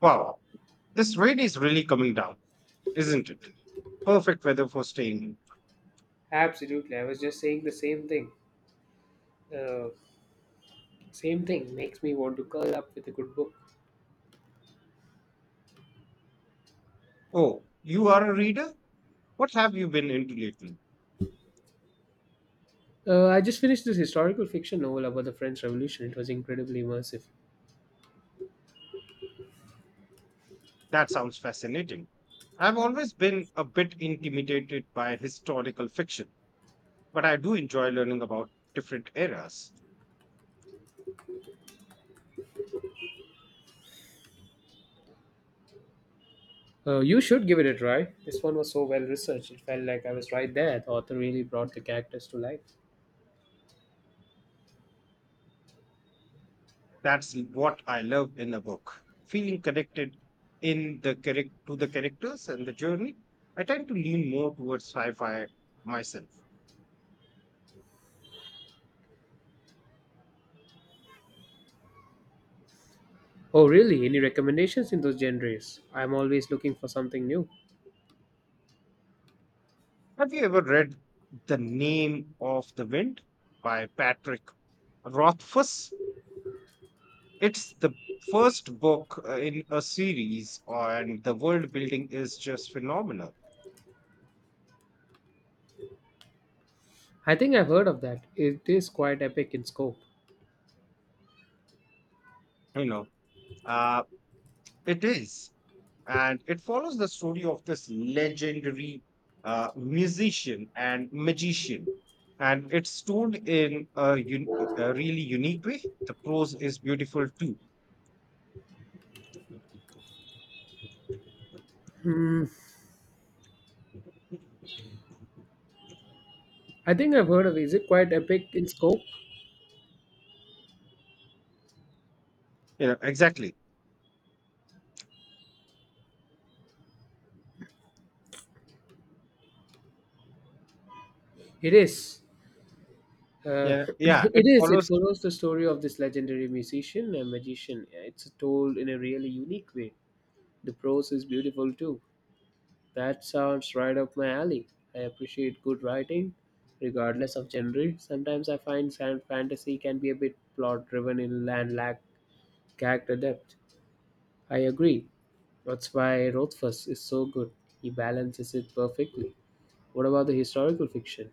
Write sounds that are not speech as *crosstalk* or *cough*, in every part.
Wow, this rain is really coming down, isn't it? Perfect weather for staying. Absolutely. I was just saying the same thing. Uh, Same thing makes me want to curl up with a good book. Oh, you are a reader? What have you been into lately? I just finished this historical fiction novel about the French Revolution. It was incredibly immersive. That sounds fascinating. I've always been a bit intimidated by historical fiction, but I do enjoy learning about different eras. You should give it a try. This one was so well researched. It felt like I was right there. The author really brought the characters to life. That's what I love in a book. Feeling connected to the characters and the journey. I tend to lean more towards sci-fi myself. Oh, really? Any recommendations in those genres? I'm always looking for something new. Have you ever read The Name of the Wind by Patrick Rothfuss? It's the first book in a series, and the world building is just phenomenal. I think I've heard of that. It is quite epic in scope. You know, uh, it is. And it follows the story of this legendary musician and magician. And it's told in a really unique way. The prose is beautiful too. You I think I've heard of Is it quite epic in scope? know, exactly. It is. Uh, Yeah, yeah, *clears throat* it it is. It follows follows the story of this legendary musician and magician. Yeah, it's told in a really unique way. The prose is beautiful too. That sounds right up my alley. I appreciate good writing, regardless of genre. Sometimes I find fantasy can be a bit plot driven in and lack character depth. I agree. That's why Rothfuss is so good. He balances it perfectly. What about the historical fiction?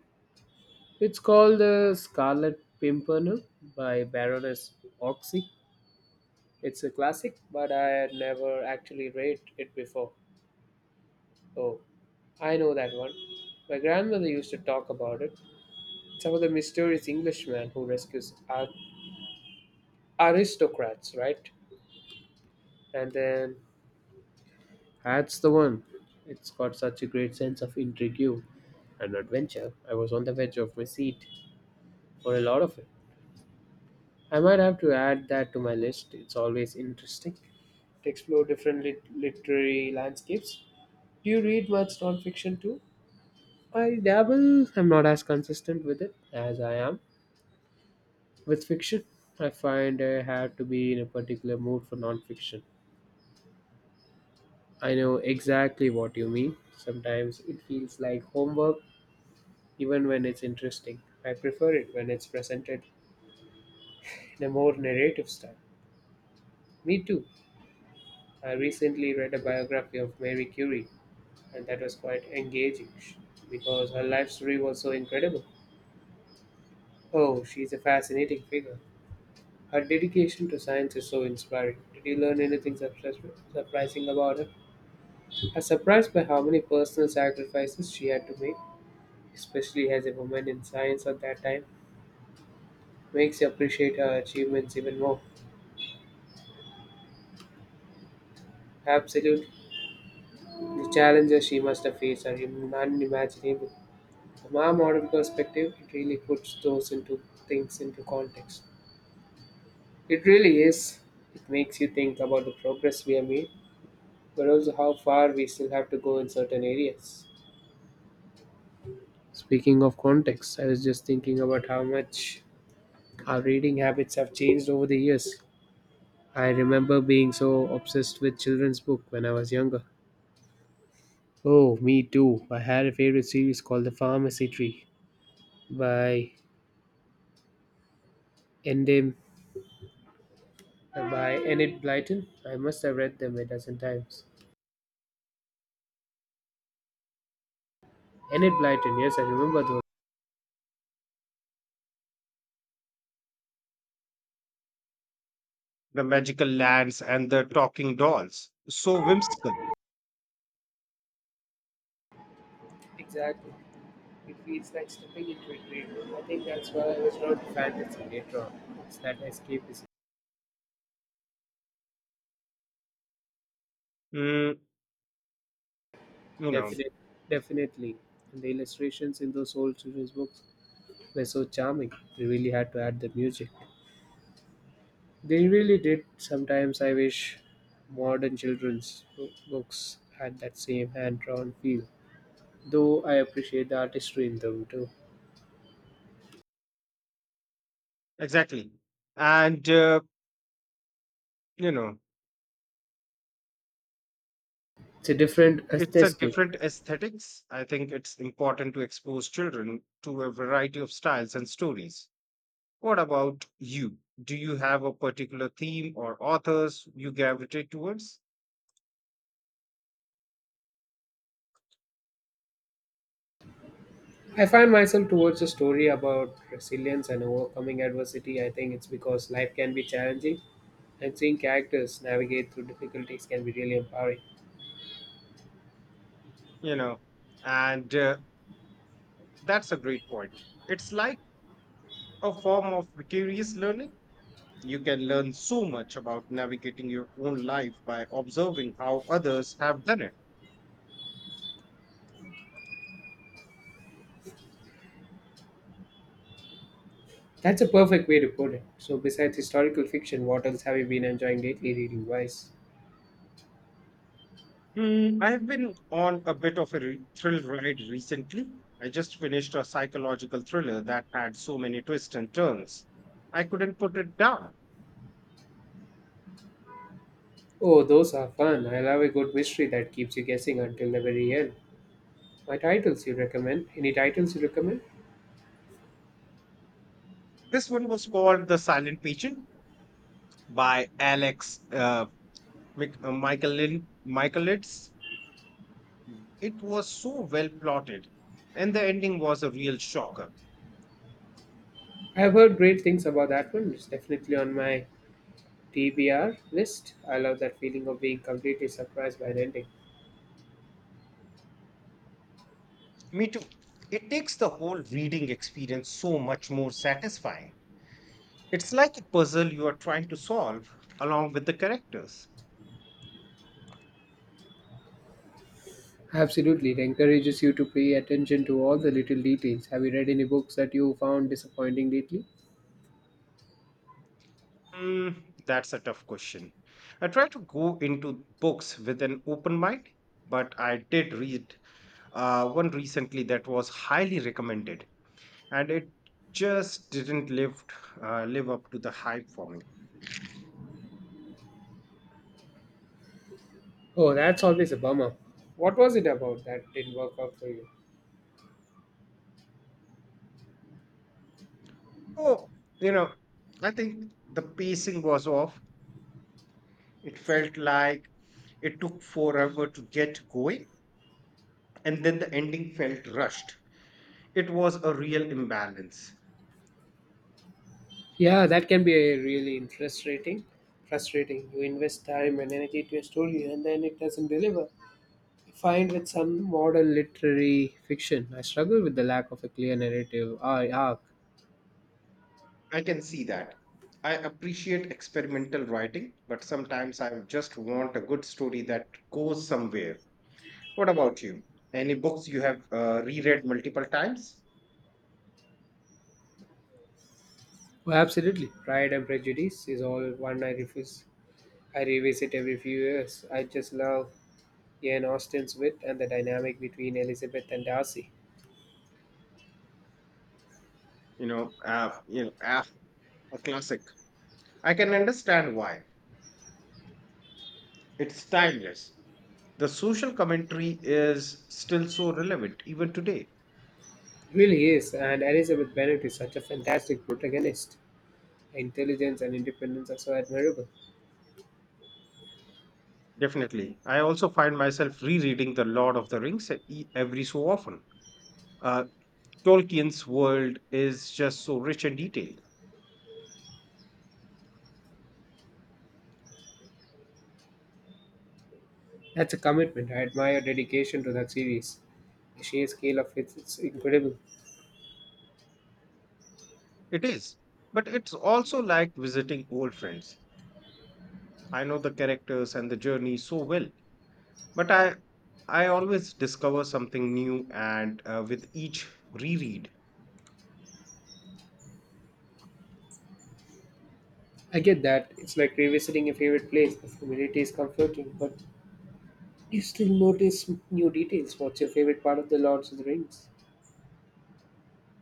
It's called The Scarlet Pimpernel by Baroness Oxy. It's a classic, but I had never actually read it before. Oh, I know that one. My grandmother used to talk about it. It's about the mysterious Englishman who rescues aristocrats, right? And then that's the one. It's got such a great sense of intrigue and adventure. I was on the edge of my seat for a lot of it. I might have to add that to my list. It's always interesting to explore different literary landscapes. Do you read much nonfiction too? I dabble. I'm not as consistent with it as I am with fiction. I find I have to be in a particular mood for nonfiction. I know exactly what you mean. Sometimes it feels like homework, even when it's interesting. I prefer it when it's presented in a more narrative style. Me too. I recently read a biography of Mary Curie, and that was quite engaging because her life story was so incredible. Oh, she's a fascinating figure. Her dedication to science is so inspiring. Did you learn anything surprising about her? I was surprised by how many personal sacrifices she had to make, especially as a woman in science at that time. Makes you appreciate her achievements even more. Absolutely. The challenges she must have faced are unimaginable. From our modern perspective, it really puts those into things into context. It really is. It makes you think about the progress we have made but also how far we still have to go in certain areas. Speaking of context, I was just thinking about how much our reading habits have changed over the years. I remember being so obsessed with children's books when I was younger. Oh, me too. I had a favorite series called The Pharmacy Tree by Endem by Enid Blyton. I must have read them a dozen times. Enid Blyton, yes, I remember those. the magical lands and the talking dolls. So whimsical. Exactly. It feels like stepping into a dream. I think that's why I was drawn to fantasy later on. It's that escapism. Mm, you know, Definite, definitely. And the illustrations in those old children's books were so charming. They really had to add the music. They really did. Sometimes I wish modern children's books had that same hand drawn feel. Though I appreciate the artistry in them too. exactly. And, uh, you know, It's a different it's a aesthetic. different aesthetics. I think it's important to expose children to a variety of styles and stories. What about you? Do you have a particular theme or authors you gravitate towards? I find myself towards a story about resilience and overcoming adversity. I think it's because life can be challenging and seeing characters navigate through difficulties can be really empowering. You know, and that's a great point. It's like a form of vicarious learning. You can learn so much about navigating your own life by observing how others have done it. That's a perfect way to put it. So, besides historical fiction, what else have you been enjoying lately reading wise? I've been on a bit of a thrill ride recently. I just finished a psychological thriller that had so many twists and turns. I couldn't put it down. Oh, those are fun. I love a good mystery that keeps you guessing until the very end. My titles you recommend? Any titles you recommend? This one was called The Silent Patient by Alex Michaelides. It was so well plotted, and the ending was a real shocker. I've heard great things about that one. It's definitely on my TBR list. I love that feeling of being completely surprised by an ending. Me too. It takes the whole reading experience so much more satisfying. It's like a puzzle you are trying to solve along with the characters. Absolutely, it encourages you to pay attention to all the little details. Have you read any books that you found disappointing lately? Hmm, that's a tough question. I try to go into books with an open mind, but I did read one recently that was highly recommended, and it just didn't live live up to the hype for me. Oh, that's always a bummer. What was it about that didn't work out for you? Oh, you know, I think the pacing was off. It felt like it took forever to get going, and then the ending felt rushed. It was a real imbalance. Yeah, that can be a really Frustrating? Frustrating. You invest time and energy to a story and then it doesn't deliver. I find with some modern literary fiction. I struggle with the lack of a clear narrative arc. I can see that. I appreciate experimental writing, but sometimes I just want a good story that goes somewhere. What about you? Any books you have reread multiple times? Oh, absolutely. Pride and Prejudice is all one I refuse. I revisit every few years. I just love Ian Austen's wit and the dynamic between Elizabeth and Darcy. You know, uh, you know, ah, a classic. I can understand why. It's timeless. The social commentary is still so relevant even today. It really is, and Elizabeth Bennet is such a fantastic protagonist. Her intelligence and independence are so admirable. Definitely. I also find myself rereading The Lord of the Rings every so often. Uh, Tolkien's world is just so rich and detailed. That's a commitment. I admire her dedication to that series. The sheer scale of it is incredible. It is. But it's also like visiting old friends. I know the characters and the journey so well, but I always discover something new and with each reread. I get that. It's like revisiting a favorite place. The familiarity is comforting, but you still notice new details. What's your favorite part of The Lord of the Rings?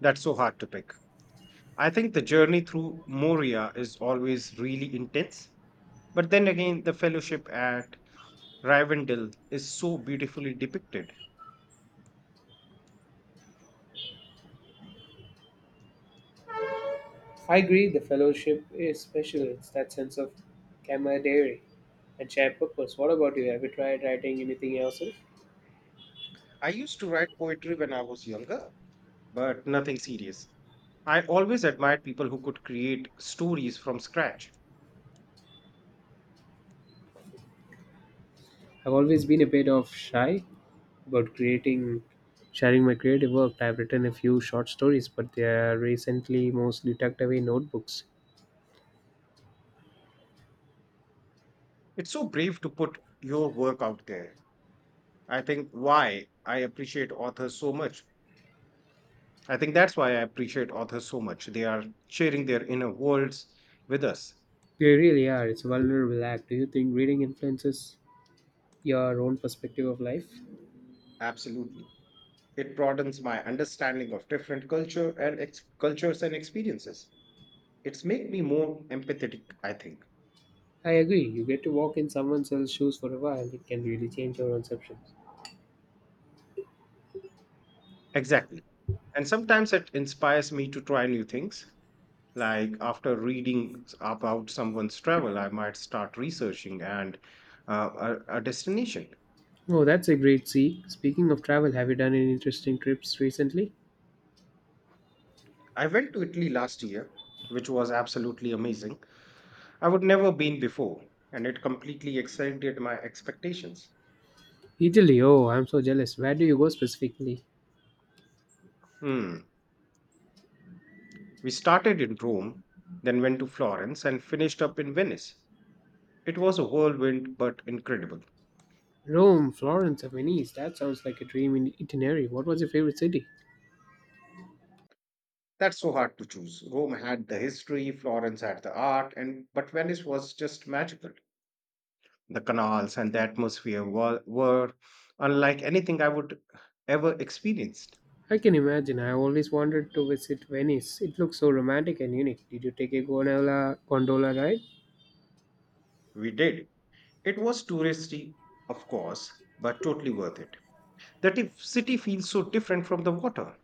That's so hard to pick. I think the journey through Moria is always really intense, but then again the fellowship at Rivendell is so beautifully depicted. I agree the fellowship is special. It's that sense of camaraderie and shared purpose. What about you? Have you tried writing anything yourself? I used to write poetry when I was younger, but nothing serious. I always admired people who could create stories from scratch. I've always been a bit of shy about creating sharing my creative work. I've written a few short stories, but they are recently mostly tucked away in notebooks. It's so brave to put your work out there. I think why I appreciate authors so much. I think that's why I appreciate authors so much. They are sharing their inner worlds with us. They really are. It's a vulnerable act. Do you think reading influences your own perspective of life? Absolutely. It broadens my understanding of different cultures and experiences. It's made me more empathetic, I think. I agree. You get to walk in someone else's shoes for a while. It can really change your conceptions. Exactly. And sometimes it inspires me to try new things. Like after reading about someone's travel, I might start researching and a destination. Oh, that's a great see. Speaking of travel, have you done any interesting trips recently? I went to Italy last year, which was absolutely amazing. I would never been before, and it completely exceeded my expectations. Italy, oh, I'm so jealous. Where do you go specifically? Hmm. We started in Rome, then went to Florence, and finished up in Venice. It was a whirlwind, but incredible. Rome, Florence, or Venice. That sounds like a dream in itinerary. What was your favorite city? That's so hard to choose. Rome had the history, Florence had the art, and but Venice was just magical. The canals and the atmosphere were unlike anything I would ever experienced. I can imagine. I always wanted to visit Venice. It looks so romantic and unique. Did you take a gondola ride? We did. It was touristy, of course, but totally worth it. The city feels so different from the water.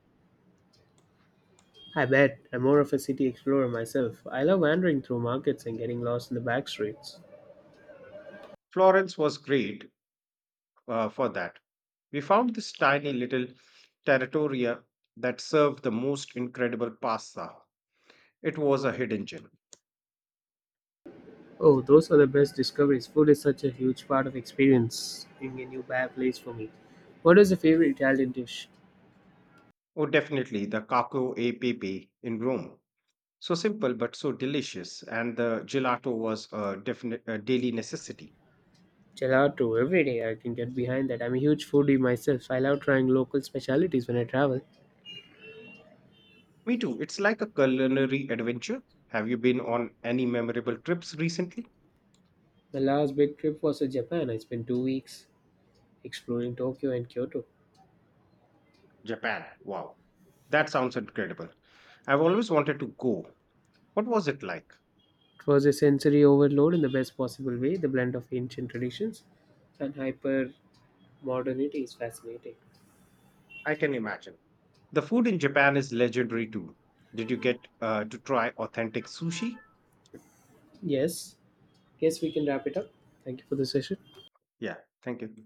I bet. I'm more of a city explorer myself. I love wandering through markets and getting lost in the back streets. Florence was great for that. We found this tiny little territoria that served the most incredible pasta. It was a hidden gem. Oh, those are the best discoveries. Food is such a huge part of experiencing a new place for me. What is your favorite Italian dish? Oh, definitely the Caco e Pepe in Rome. So simple but so delicious, and the gelato was a definite a daily necessity. Gelato every day. I can get behind that. I'm a huge foodie myself. I love trying local specialities when I travel. Me too. It's like a culinary adventure. Have you been on any memorable trips recently? My last big trip was to Japan. I spent 2 weeks exploring Tokyo and Kyoto. Japan. Wow, that sounds incredible. I've always wanted to go. What was it like? It was a sensory overload in the best possible way. The blend of ancient traditions and hyper modernity is fascinating. I can imagine. The food in Japan is legendary too. Did you get to try authentic sushi? Yes, yes, we can wrap it up. Thank you for the session. Yeah. Thank you.